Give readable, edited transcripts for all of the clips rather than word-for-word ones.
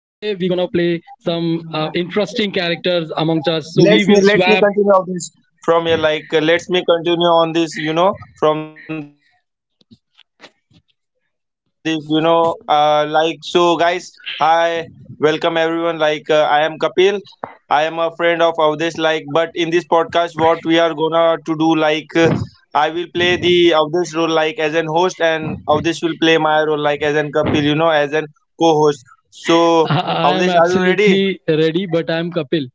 interesting characters amongst us. So we let will me let swap. me continue of this from here, like let me continue on this, from this, like, so guys, hi, welcome everyone, like I am Kapil. I am a friend of Avdesh, like, but in this podcast what we are gonna to do, like I will play the Avdesh role, like as an host, and Avdesh will play my role, like as an Kapil, as an co-host. So Avdesh, are you ready? I am absolutely ready, but I'm Kapil.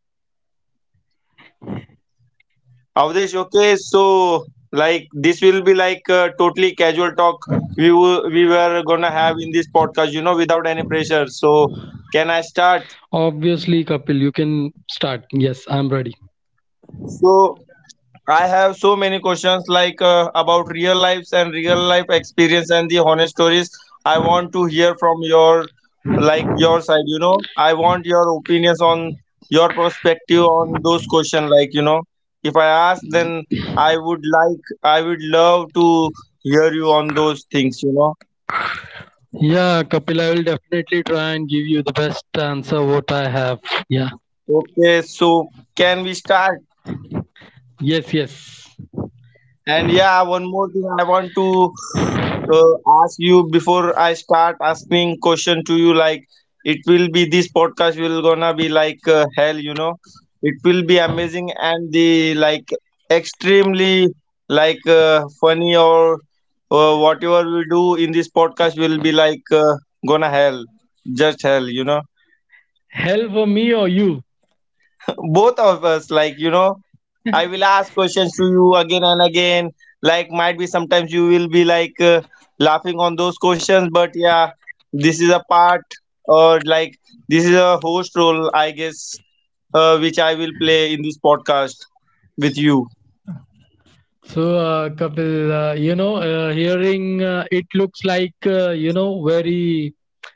Avdesh, okay, so like this will be like a totally casual talk we were gonna have in this podcast, without any pressure. So can I start? Obviously, Kapil, you can start. Yes, I'm ready. So I have so many questions, like about real lives and real life experience and the honest stories. I want to hear from your side. I want your opinions on your perspective on those questions, like, if I ask, then I would love to hear you on those things. Yeah, Kapil, I will definitely try and give you the best answer what I have. Yeah. Okay, so can we start? Yes, yes. And yeah, one more thing I want to ask you before I start asking question to you. Like, it will be this podcast will gonna be like hell. It will be amazing and the like, extremely like funny, or whatever we do in this podcast will be like gonna hell, just hell. Hell for me or you? Both of us, like, I will ask questions to you again and again, like, might be sometimes you will be like laughing on those questions, but yeah, this is a part, or like, this is a host role I guess, which I will play in this podcast with you. So, Kapil, you know, hearing it looks like, you know, very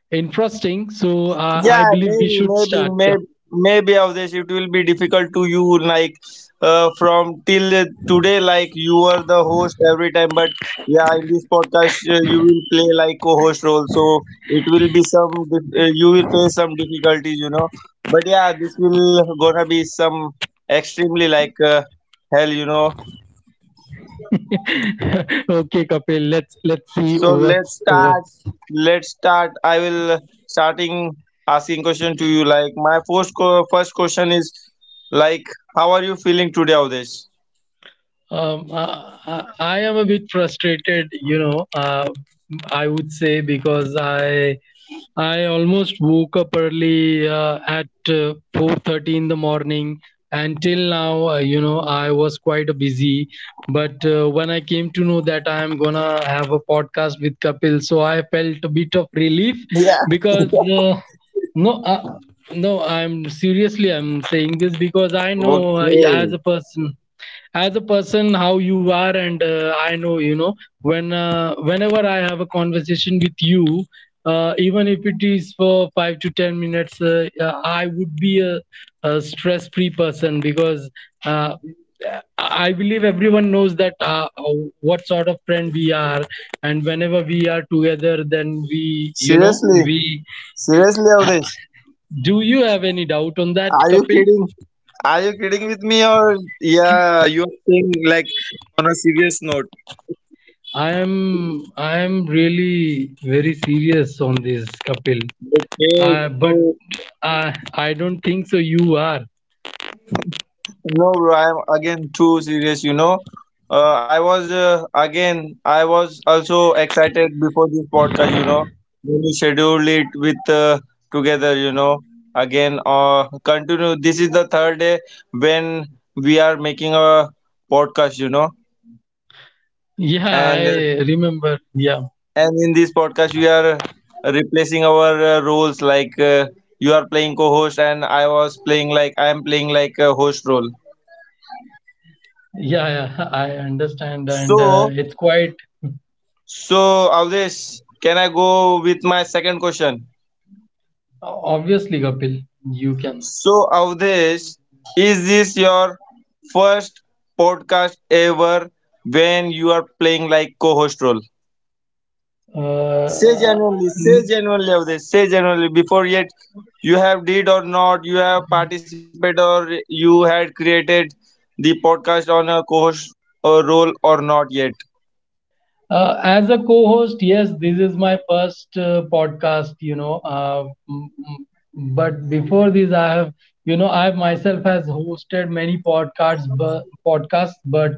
interesting. So, I Yeah, believe we maybe, should maybe, start. Yeah. maybe, maybe, Avdesh, it will be difficult to you, like, from till today, like, you are the host every time, but yeah, in this podcast, you will play like co-host role, so it will be some, you will face some difficulties. But yeah, this will gonna be some extremely like hell. Okay, Kapil, let's see So let's what's start. what's. Let's start. I will starting asking question to you. Like my first question is like, how are you feeling today, Avdesh? I am a bit frustrated, you know, I would say because I almost woke up early at 4:30 in the morning. Until now, you know, I was quite busy. But when I came to know that I am gonna have a podcast with Kapil, so I felt a bit of relief because uh, no, no, I'm seriously I'm saying this because I know as Okay. a person as a person how you are, and I know, you know, when whenever I have a conversation with you, even if it is for 5 to 10 minutes, I would be a stress free person because uh, I believe everyone knows that what sort of friend we are, and whenever we are together then we, you know, Seriously, we, seriously, Avdesh. do you have any doubt on that, Are you Kapil? kidding? Are you kidding with me, or yeah? You are saying like on a serious note. I am I am really very serious on this, Kapil. Okay, But so. I don't think so. You are. No, bro, I'm again too serious, you know. I was again, I was also excited before this podcast, you know, when you scheduled it with together, you know. Again, continue. This is the third day when we are making a podcast, you know, Yeah, and I remember. Yeah, and in this podcast we are replacing our roles, like you are playing co-host and I was playing, like, I am playing like a host role. yeah, yeah. I understand, and So, it's quite so, Avdesh, can I go with my second question? obviously, Kapil. You can. So, Avdesh, is this your first podcast ever, when you are playing like co host role? Uh, Say genuinely, Avdesh, say genuinely, before yet you have did or not, you have participated or you had created the podcast on a co host role or not yet. As a co-host, yes, this is my first podcast, you know. M- m- but before this, I have, you know, I myself has hosted many podcasts, but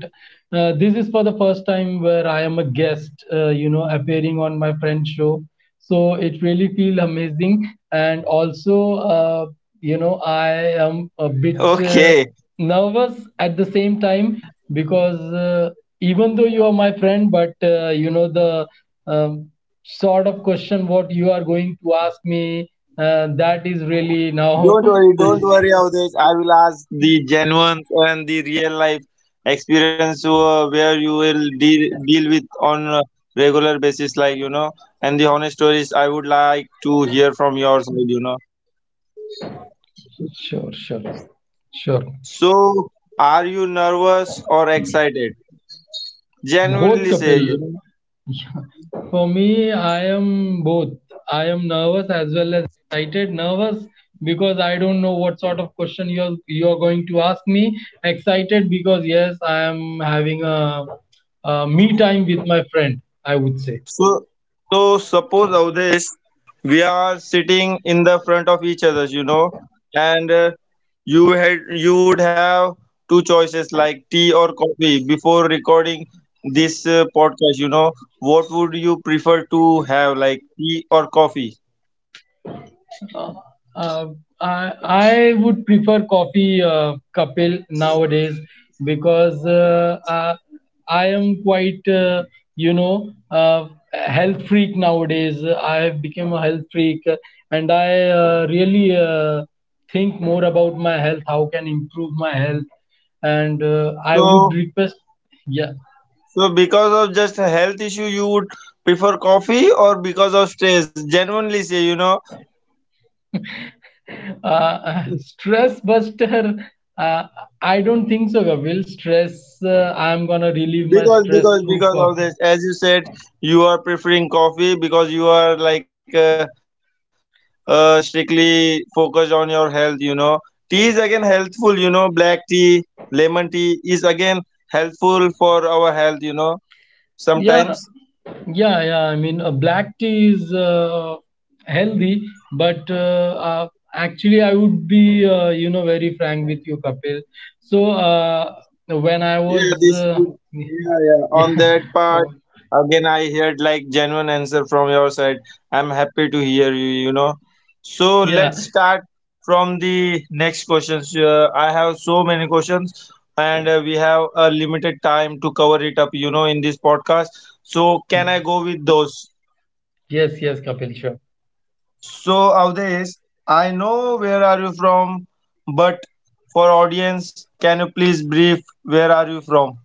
this is for the first time where I am a guest, you know, appearing on my friend's show. So it really feels amazing, and Okay. also, you know, I am a bit nervous at the same time because even though you are my friend, but you know the um, sort of question what you are going to ask me, that is really now Don't worry, Avdesh. I will ask the genuine and the real life experience where you will deal with on a regular basis, like you know, and the honest stories. I would like to hear from your side, you know. sure sure sure. So, are you nervous or excited? Both, Genuinely say, Kapil, you know. for me, I am both. I am nervous as well as excited. Nervous because I don't know what sort of question you're going to ask me. Excited because yes, I am having a me time with my friend, I would say. So, so, suppose Avdesh, we are sitting in the front of each others, you know, and you would have two choices like tea or coffee before recording this podcast. You know, what would you prefer to have, like tea or coffee? Uh, I would prefer coffee, Kapil, nowadays because I am quite, you know, health freak nowadays. I have become a health freak, and I really think more about my health, how can improve my health. And I would So, request, yeah, so, because of just a health issue, you would prefer coffee, or because of stress? Genuinely say, you know, stress buster. uh, I don't think so, Kapil. Stress, I'm gonna relieve my because stress because through because of coffee. this, as you said, you are preferring coffee because you are like strictly focused on your health, you know. Tea is again healthful, you know. Black tea, lemon tea is again helpful for our health, you know, sometimes. yeah yeah, I mean, black tea is healthy, but actually I would be, you know, very frank with you, Kapil. So when I Yeah, was this uh, would— yeah, yeah. yeah. On that Oh, part, again, I heard like genuine answer from your side. I'm happy to hear you, you know. So yeah. let's start from the next questions. I have so many questions, and we have a limited time to cover it up, you know, in this podcast. So can I go with those? Yes, yes, Kapil, sure. So Avdesh, I know where are you from, but for audience, can you please brief where are you from?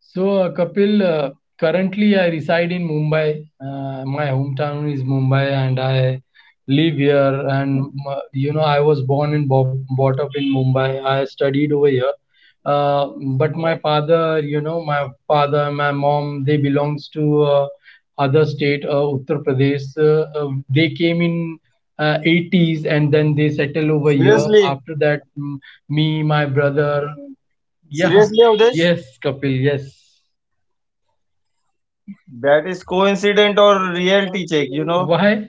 So, Kapil, currently I reside in Mumbai. My hometown is Mumbai, and I live here. And you know, I was born and brought up in Mumbai. I studied over here. Uh, but my father, you know, my father, my mom, they belongs to other state, Uttar Pradesh. They came in 80's and then they Seriously? settle over here. After that, mm, me, my brother. Seriously, Avdesh? Yeah, yes, Kapil, yes. That is coincident or reality check, you know? Why?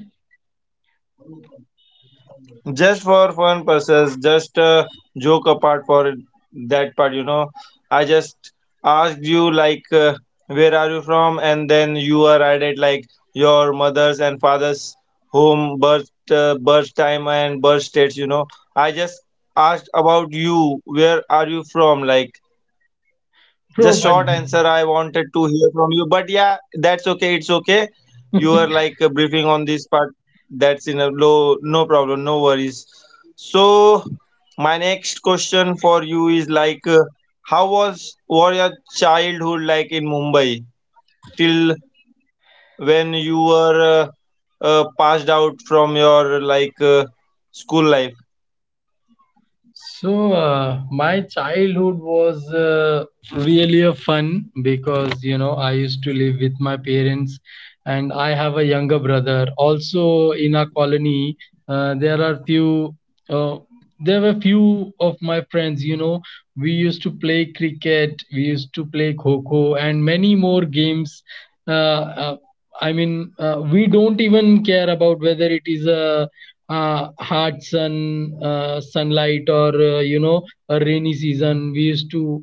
Just for fun purposes, just joke apart for part, you know? I just asked you, like, where are you from? And then you are added like, your mother's and father's home, birth, birth time, and birth states, you know? I just asked about you, where are you from? Like, just short Proven. answer. I wanted to hear from you, but yeah, that's okay. It's okay. You are like briefing on this part. That's in a low, no problem, no worries. So my next question for you is like, how was your childhood like in Mumbai, till when you were passed out from your, like school life? So, my childhood was really a fun because you know I used to live with my parents, and I have a younger brother. Also, in our colony, there are few. Uh, there were few of my friends. You know, we used to play cricket, we used to play kho and many more games. Uh, uh, I mean, we don't even care about whether it is a hard sun sunlight or, you know, a rainy season. We used to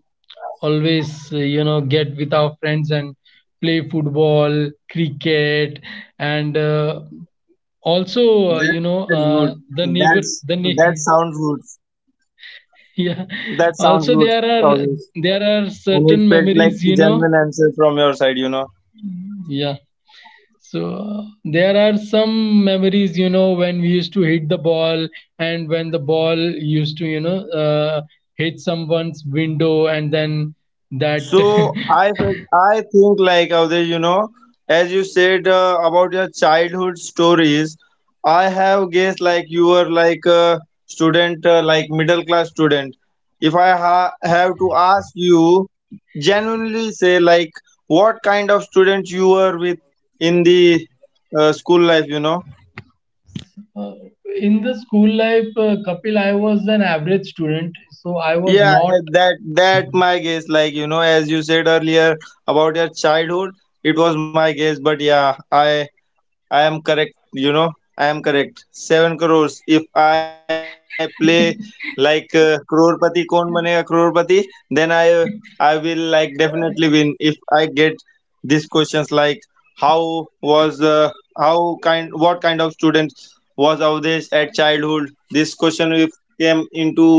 always, you know, get with our friends and play football, cricket, and also, you That's know, good. The That's, neighbor the that sounds good. yeah. That sounds Also good. there are, Always. there are And it certain felt like memories, the you know. genuine answer from your side, you know. Yeah. So there are some memories, you know, when we used to hit the ball, and when the ball used to, you know, hit someone's window and then that So I felt, I think, like Avdesh, you know, as you said about your childhood stories, I have guessed like you were like a student, like middle class student. If I have to ask you genuinely, say, like, what kind of student you were with, in the school life, you know. uh, in the school life, Kapil, I was an average student, so I was Yeah, not that, that my guess. Like you know, as you said earlier about your childhood, it was my guess. But yeah, I am correct. You know, I am correct. 7 crore. If I play like crorepati, kon banega crorepati, then I will, like, definitely win. If I get these questions like, how was how kind, what kind of student was Avdesh at childhood? This question, if came into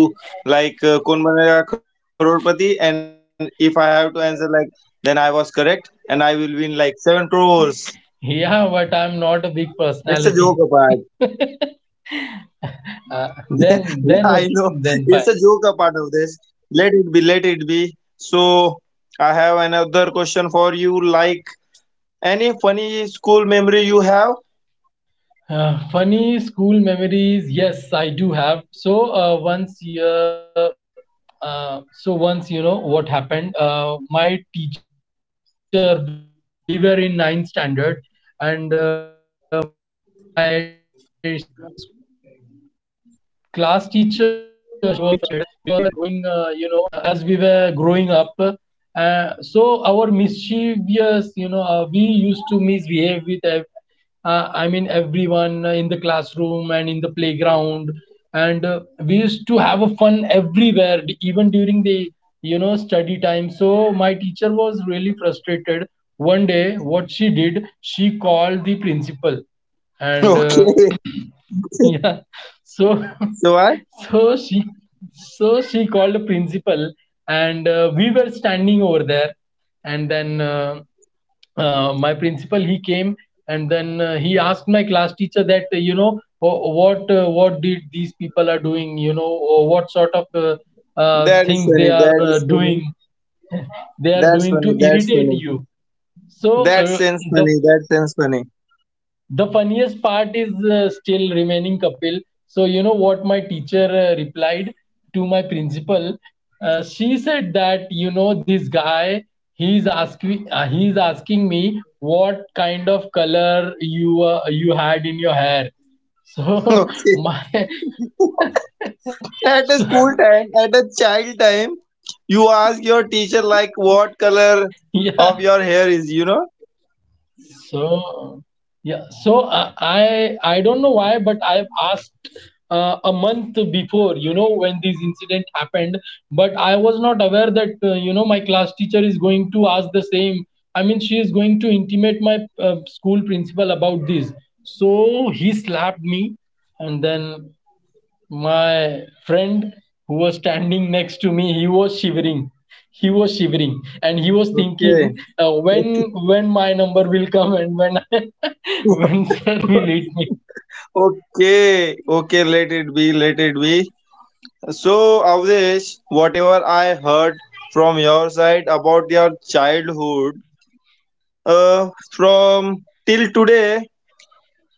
like kon banega crorepati, and if I have to answer, like, then I was correct and I will win like 7 crore. yeah, but I'm not a big It's a joke, personality. Abhay. Uh, Yeah, then I okay, know. then It's fine. a joke a part of this. Let it be, let it be. So, I have another question for you. Like, any funny school memory you have? Funny school memories. Yes, I do have. So once, yeah, so once, you know what happened. My teacher, we were in ninth standard, and class teacher, she was really frustrated because as we were growing, you know, yeah, as we were growing up, so our mischievous, you know, we used to misbehave with I mean everyone in the classroom and in the playground, and we used to have a fun everywhere, even during the, you know, study time. So my teacher was really frustrated. One day what she did, she called the principal, and Okay. yeah, so So, what? so she so she called the principal, and we were standing over there, and then my principal, he came, and then he asked my class teacher that, you know, what did these people are doing, you know, or what sort of That is things they funny. are That is funny. doing, they are That's doing to funny. That's irritate funny. you. So, That sounds the funny. That sounds funny. the funniest part is still remaining, Kapil. So you know what my teacher replied to my principal. Uh, she said that, you know, this guy, he's asking, he's asking me what kind of color you you had in your hair. So Okay. my At the so school time, at the child time, you ask your teacher, yeah. like, what color of your hair is, you know? So yeah, so I don't know why, but I've asked a month before, you know, when this incident happened, but I was not aware that, you know, my class teacher is going to ask the same. I mean, she is going to intimate my school principal about this. So he slapped me, and then my friend who was standing next to me, he was shivering, he was shivering, and he was thinking Okay. When my number will come and when when sir will hit me. Okay, okay, let it be, let it be. So, Avdesh, whatever I heard from your side about your childhood, from till today,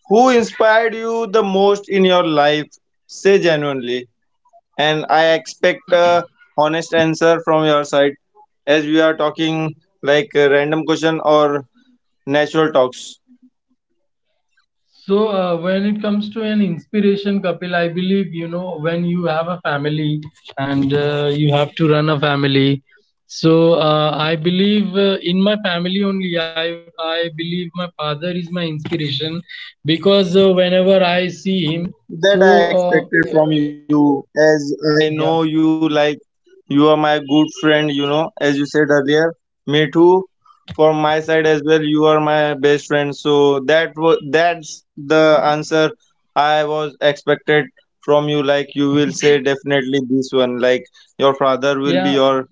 who inspired you the most in your life? Say genuinely, and I expect a honest answer from your side, as we are talking like a random question or natural talks. So, when it comes to an inspiration, Kapil, I believe, you know, when you have a family and you have to run a family. So, I believe in my family only, I believe my father is my inspiration because, whenever I see him, That so, I expected uh, from you, as I know you, yeah, like, you are my good friend, you know, as you said earlier. Me too. From my side as well, you are my best friend. So that was, that's the answer I was expected from you. Like, you will say definitely this one. Like, your father will be yeah. your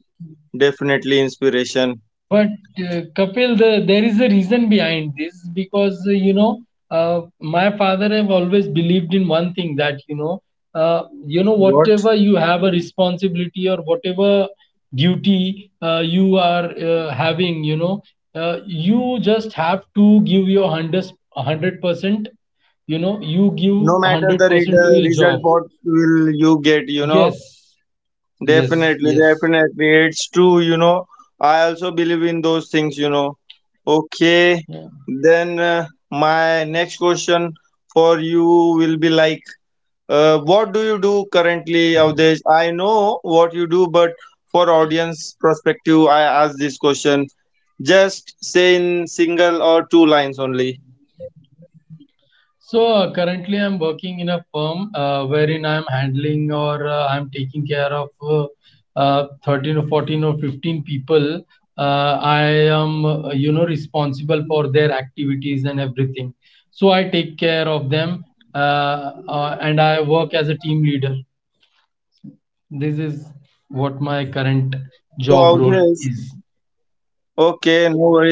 definitely inspiration. But Kapil, there is a reason behind this because, you know, my father have always believed in one thing, that you know, you know, What? whatever you have a responsibility or whatever duty you are having, you know, you just have to give your hundred percent. You know, you No give matter the hundred % to your result, job. what will you get? You know, Yes, yes, definitely, yes. definitely. It's true, you know. I also believe in those things, you know. Okay, Yeah. then my next question for you will be like, what do you do currently, Avdesh? I know what you do, but for audience perspective, I ask this question. Just say in single or two lines only. So currently, I'm working in a firm wherein I'm handling or I'm taking care of 13 or 14 or 15 people. I am, you know, responsible for their activities and everything. So I take care of them, and I work as a team leader. This is what my current job role Okay, so is. Avdesh,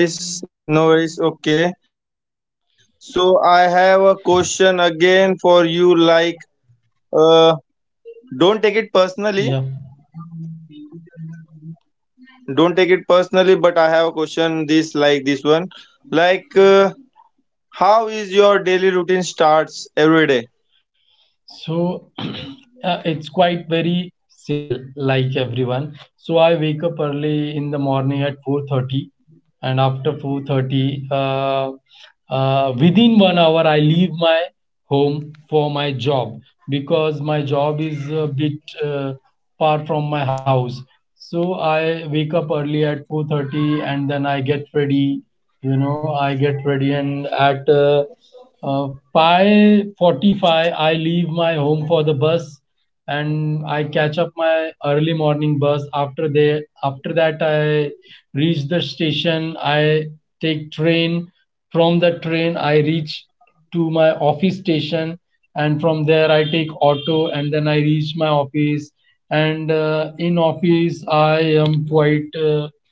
okay, no worries, no worries. Okay, so I have a question again for you. Like, uh, don't take it personally. Yeah. Don't take it personally, but I have a question. This, like this one, like, how is your daily routine starts every day? So it's quite very simple, like everyone. So I wake up early in the morning at 4:30, and after 4:30, uh, within one hour, I leave my home for my job because my job is a bit far from my house. So I wake up early at 4:30, and then I get ready. You know, I get ready, and at uh, by 45, I leave my home for the bus, and I catch up my early morning bus. After that, I reach the station. I take train. From the train, I reach to my office station, and from there, I take auto, and then I reach my office. And in office, I am quite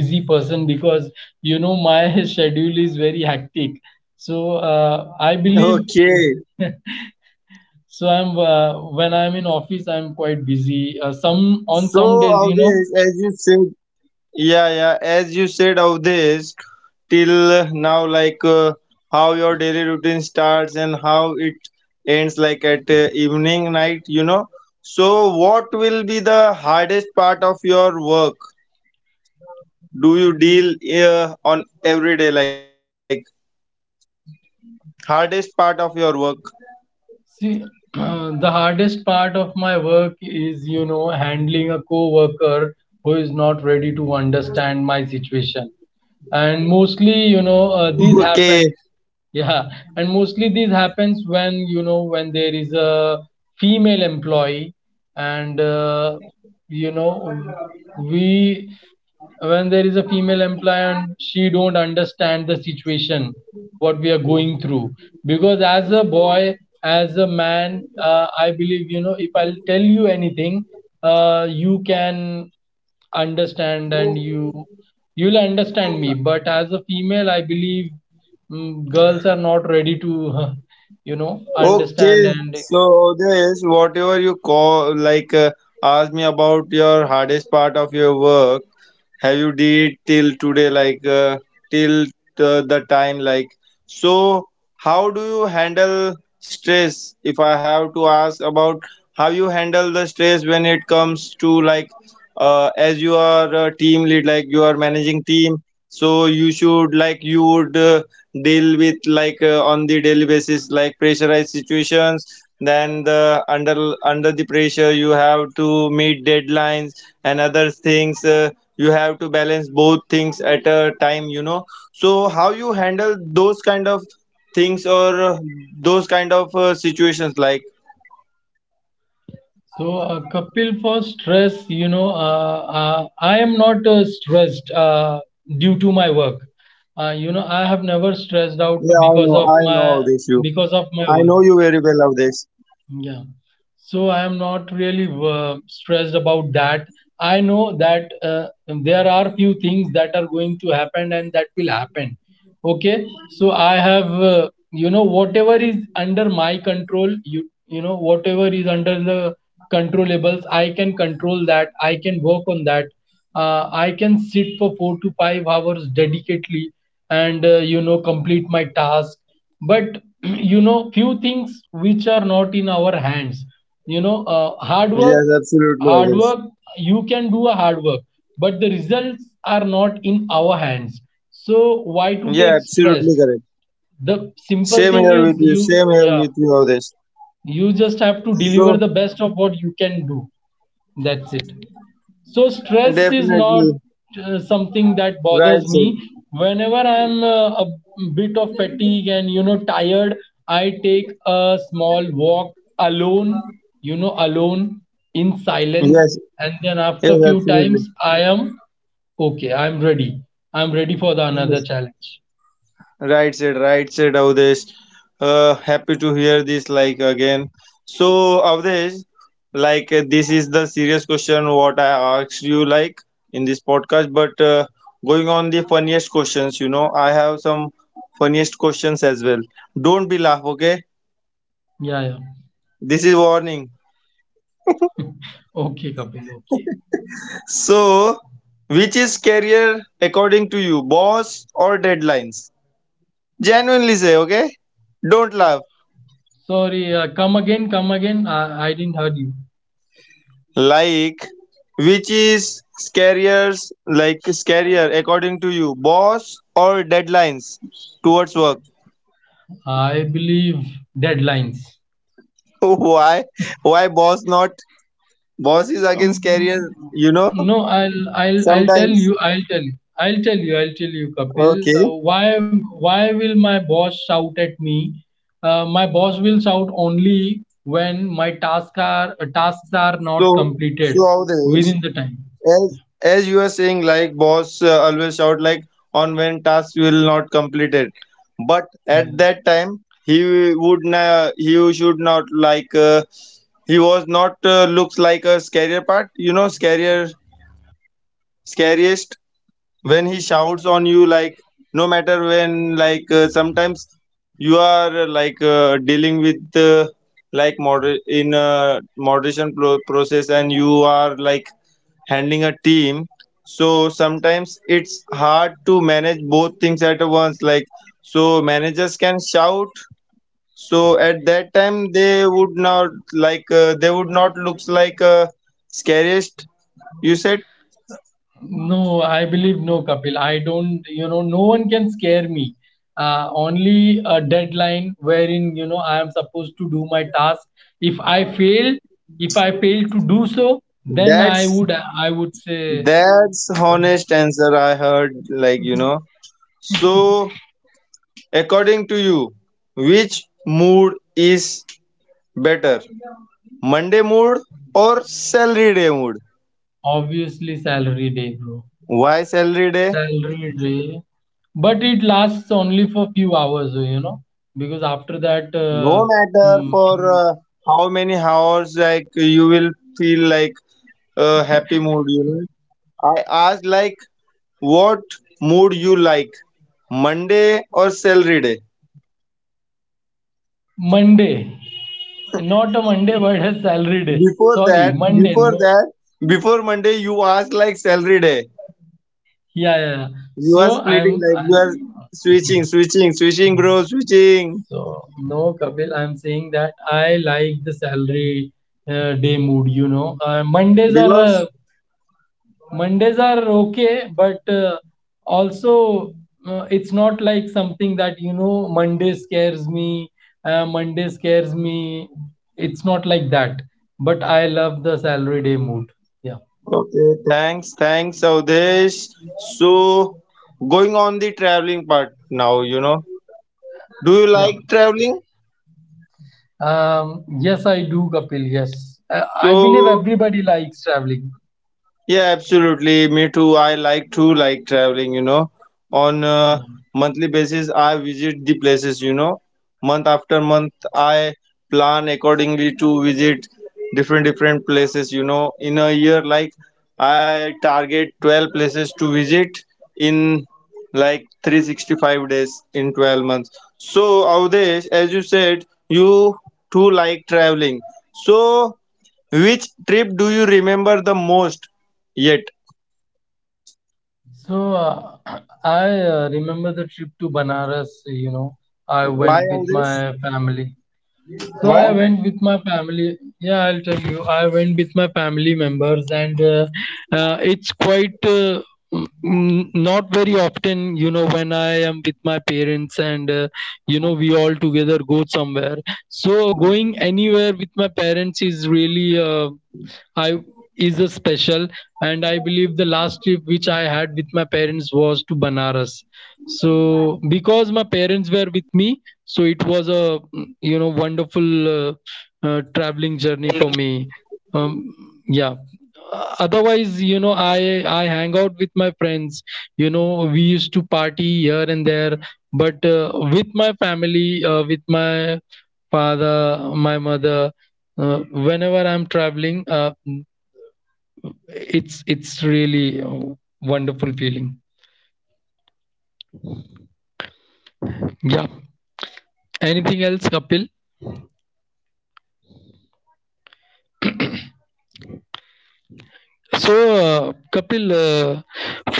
busy person because you know my schedule is very hectic, so I believe, Okay. so I'm when I'm in office I'm quite busy, some on So, some days, you know. Avdesh, as you said, yeah, yeah, as you said, Avdesh, till now, like how your daily routine starts and how it ends, like at evening, night, you know. So, what will be the hardest part of your work? Do you deal on every day, like hardest part of your work? See, the hardest part of my work is, you know, handling a coworker who is not ready to understand my situation, and mostly you know this Okay. happens. Yeah, and mostly this happens when you know, when there is a female employee, and you know, we when there is a female employee and she don't understand the situation what we are going through, because as a boy, as a man, I believe you know, if I'll tell you anything, you can understand, and you'll understand me. But as a female, I believe girls are not ready to you know Okay, understand. And so this whatever you call like ask me about your hardest part of your work, have you did till today, like till the time, like, so how do you handle stress, if I have to ask about how you handle the stress when it comes to like as you are a team lead, like, you are managing team, so you should, like, you would deal with, like on the daily basis, like pressurized situations, then the under the pressure you have to meet deadlines and other things, you have to balance both things at a time, you know. So how you handle those kind of things, or those kind of situations, like. so, Kapil, for stress, you know, I am not stressed due to my work. You know, I have never stressed out Yeah, because of I know my, Avdesh you. because of my I work. know you very well, Avdesh. Yeah. So I am not really stressed about that. I know that there are few things that are going to happen, and that will happen. Okay, so I have you know, whatever is under my control, you know, whatever is under the controllables, I can control that, I can work on that. I can sit for 4 to 5 hours dedicatedly and you know, complete my task. But you know, few things which are not in our hands, you know, hard work, Yes, absolutely, hard Avdesh. work, you can do a hard work, but the results are not in our hands. So why to take Yeah, stress? absolutely correct. The simple thing Same is here with you, you, same yeah, here with you, Avdesh. you just have to deliver the So, best of what you can do. That's it. So stress is not definitely, something that right bothers said. me. Whenever I'm a bit of fatigue and you know tired, I take a small walk alone, you know, alone, in silence. Yes, And then yes, after few absolutely. times, I am okay, I'm ready, I'm ready for the another Yes. challenge. Right said, Avdesh. Happy to hear this, like again. So, Avdesh, like this is the serious question what I asked you, like, in this podcast. But going on the funniest questions, you know, I have some funniest questions as well. Don't be laugh, okay? Yeah, yeah. This is warning. Okay, Kapil, okay. So, which is scarier according to you, boss or deadlines? Genuinely say, okay? Don't laugh. Sorry, come again, come again, I didn't heard you. Like, which is scarier, like scarier according to you, boss or deadlines towards work? I believe deadlines. Why? Why boss not? Boss is again scarier, Um, you know, no, I'll tell sometimes. you. I'll tell you. I'll tell you. I'll tell you, Kapil. Okay. Why will my boss shout at me? My boss will shout only when my tasks are not So, completed so how this? within the time. As you are saying, like, boss always shout, like, on when task will not completed, but at Yes. that time he would he should not like, he was not looks like a scarier part, you know, scarier, scariest, when he shouts on you, like, no matter when, like sometimes you are like dealing with like in a moderation process, and you are like handling a team. So sometimes it's hard to manage both things at once. Like, so managers can shout. So at that time, they would not like, they would not looks like scariest. You said, No, I believe no, Kapil. I don't, you know, no one can scare me. Only a deadline wherein, you know, I am supposed to do my task. If I fail, if I fail to do so, then that's I would say, that's honest answer I heard. Like you know. So according to you, which mood is better, Monday mood or salary day mood? obviously, salary day, bro. Why salary day? Salary day. But it lasts only for few hours, you know, because after that, No matter mm, for how many hours, like, you will feel like a happy mood, you know. I asked like, what mood you like, Monday or salary day? Monday, not a Monday, but a salary day. before Sorry, that Monday, before no. that before Monday, you asked like salary day. Yeah, yeah, yeah. You are So splitting, I'm, like, you are I'm switching bro, switching. so no, Kapil. I'm saying that I like the salary day mood. You know, Because, Mondays are okay, but also it's not like something that you know Monday scares me. Monday scares me. It's not like that. But I love the salary day mood. Yeah, okay, thanks, thanks Avdesh. So, going on the traveling part now, you know. Do you yeah. like traveling? Yes, I do, Kapil. Yes, I So believe everybody likes traveling. yeah, absolutely. Me too. I like to like traveling. You know, on a Hmm. monthly basis, I visit the places. You know, month after month, I plan accordingly to visit different different places. You know, in a year, like, I target 12 places to visit in like 365 days in 12 months. So, Avdesh, as you said, you too like traveling. So, which trip do you remember the most yet? So I remember the trip to Banaras. You know, I Why went all with this? my family. So I Why? went with my family. Yeah, I'll tell you. I went with my family members, and it's quite not very often, you know, when I am with my parents, and you know, we all together go somewhere. So going anywhere with my parents is really. I Is a special, and I believe the last trip which I had with my parents was to Banaras. So because my parents were with me, so it was a you know, wonderful traveling journey for me. Um, yeah. Otherwise you know, I hang out with my friends, you know, we used to party here and there. But with my family, with my father, my mother, uh, whenever I'm traveling, it's really a wonderful feeling. Yeah. Anything else, Kapil? So, Kapil,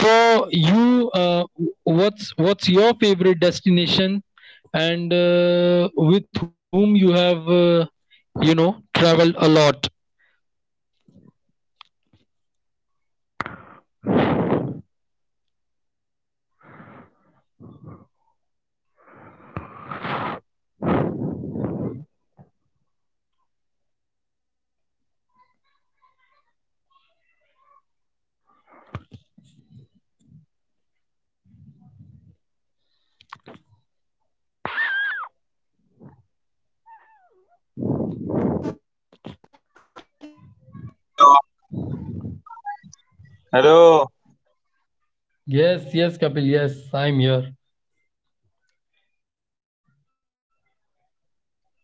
for you, what's your favorite destination, and with whom you have, you know, traveled a lot? Hello. Yes, yes, Kapil, yes, I'm here. I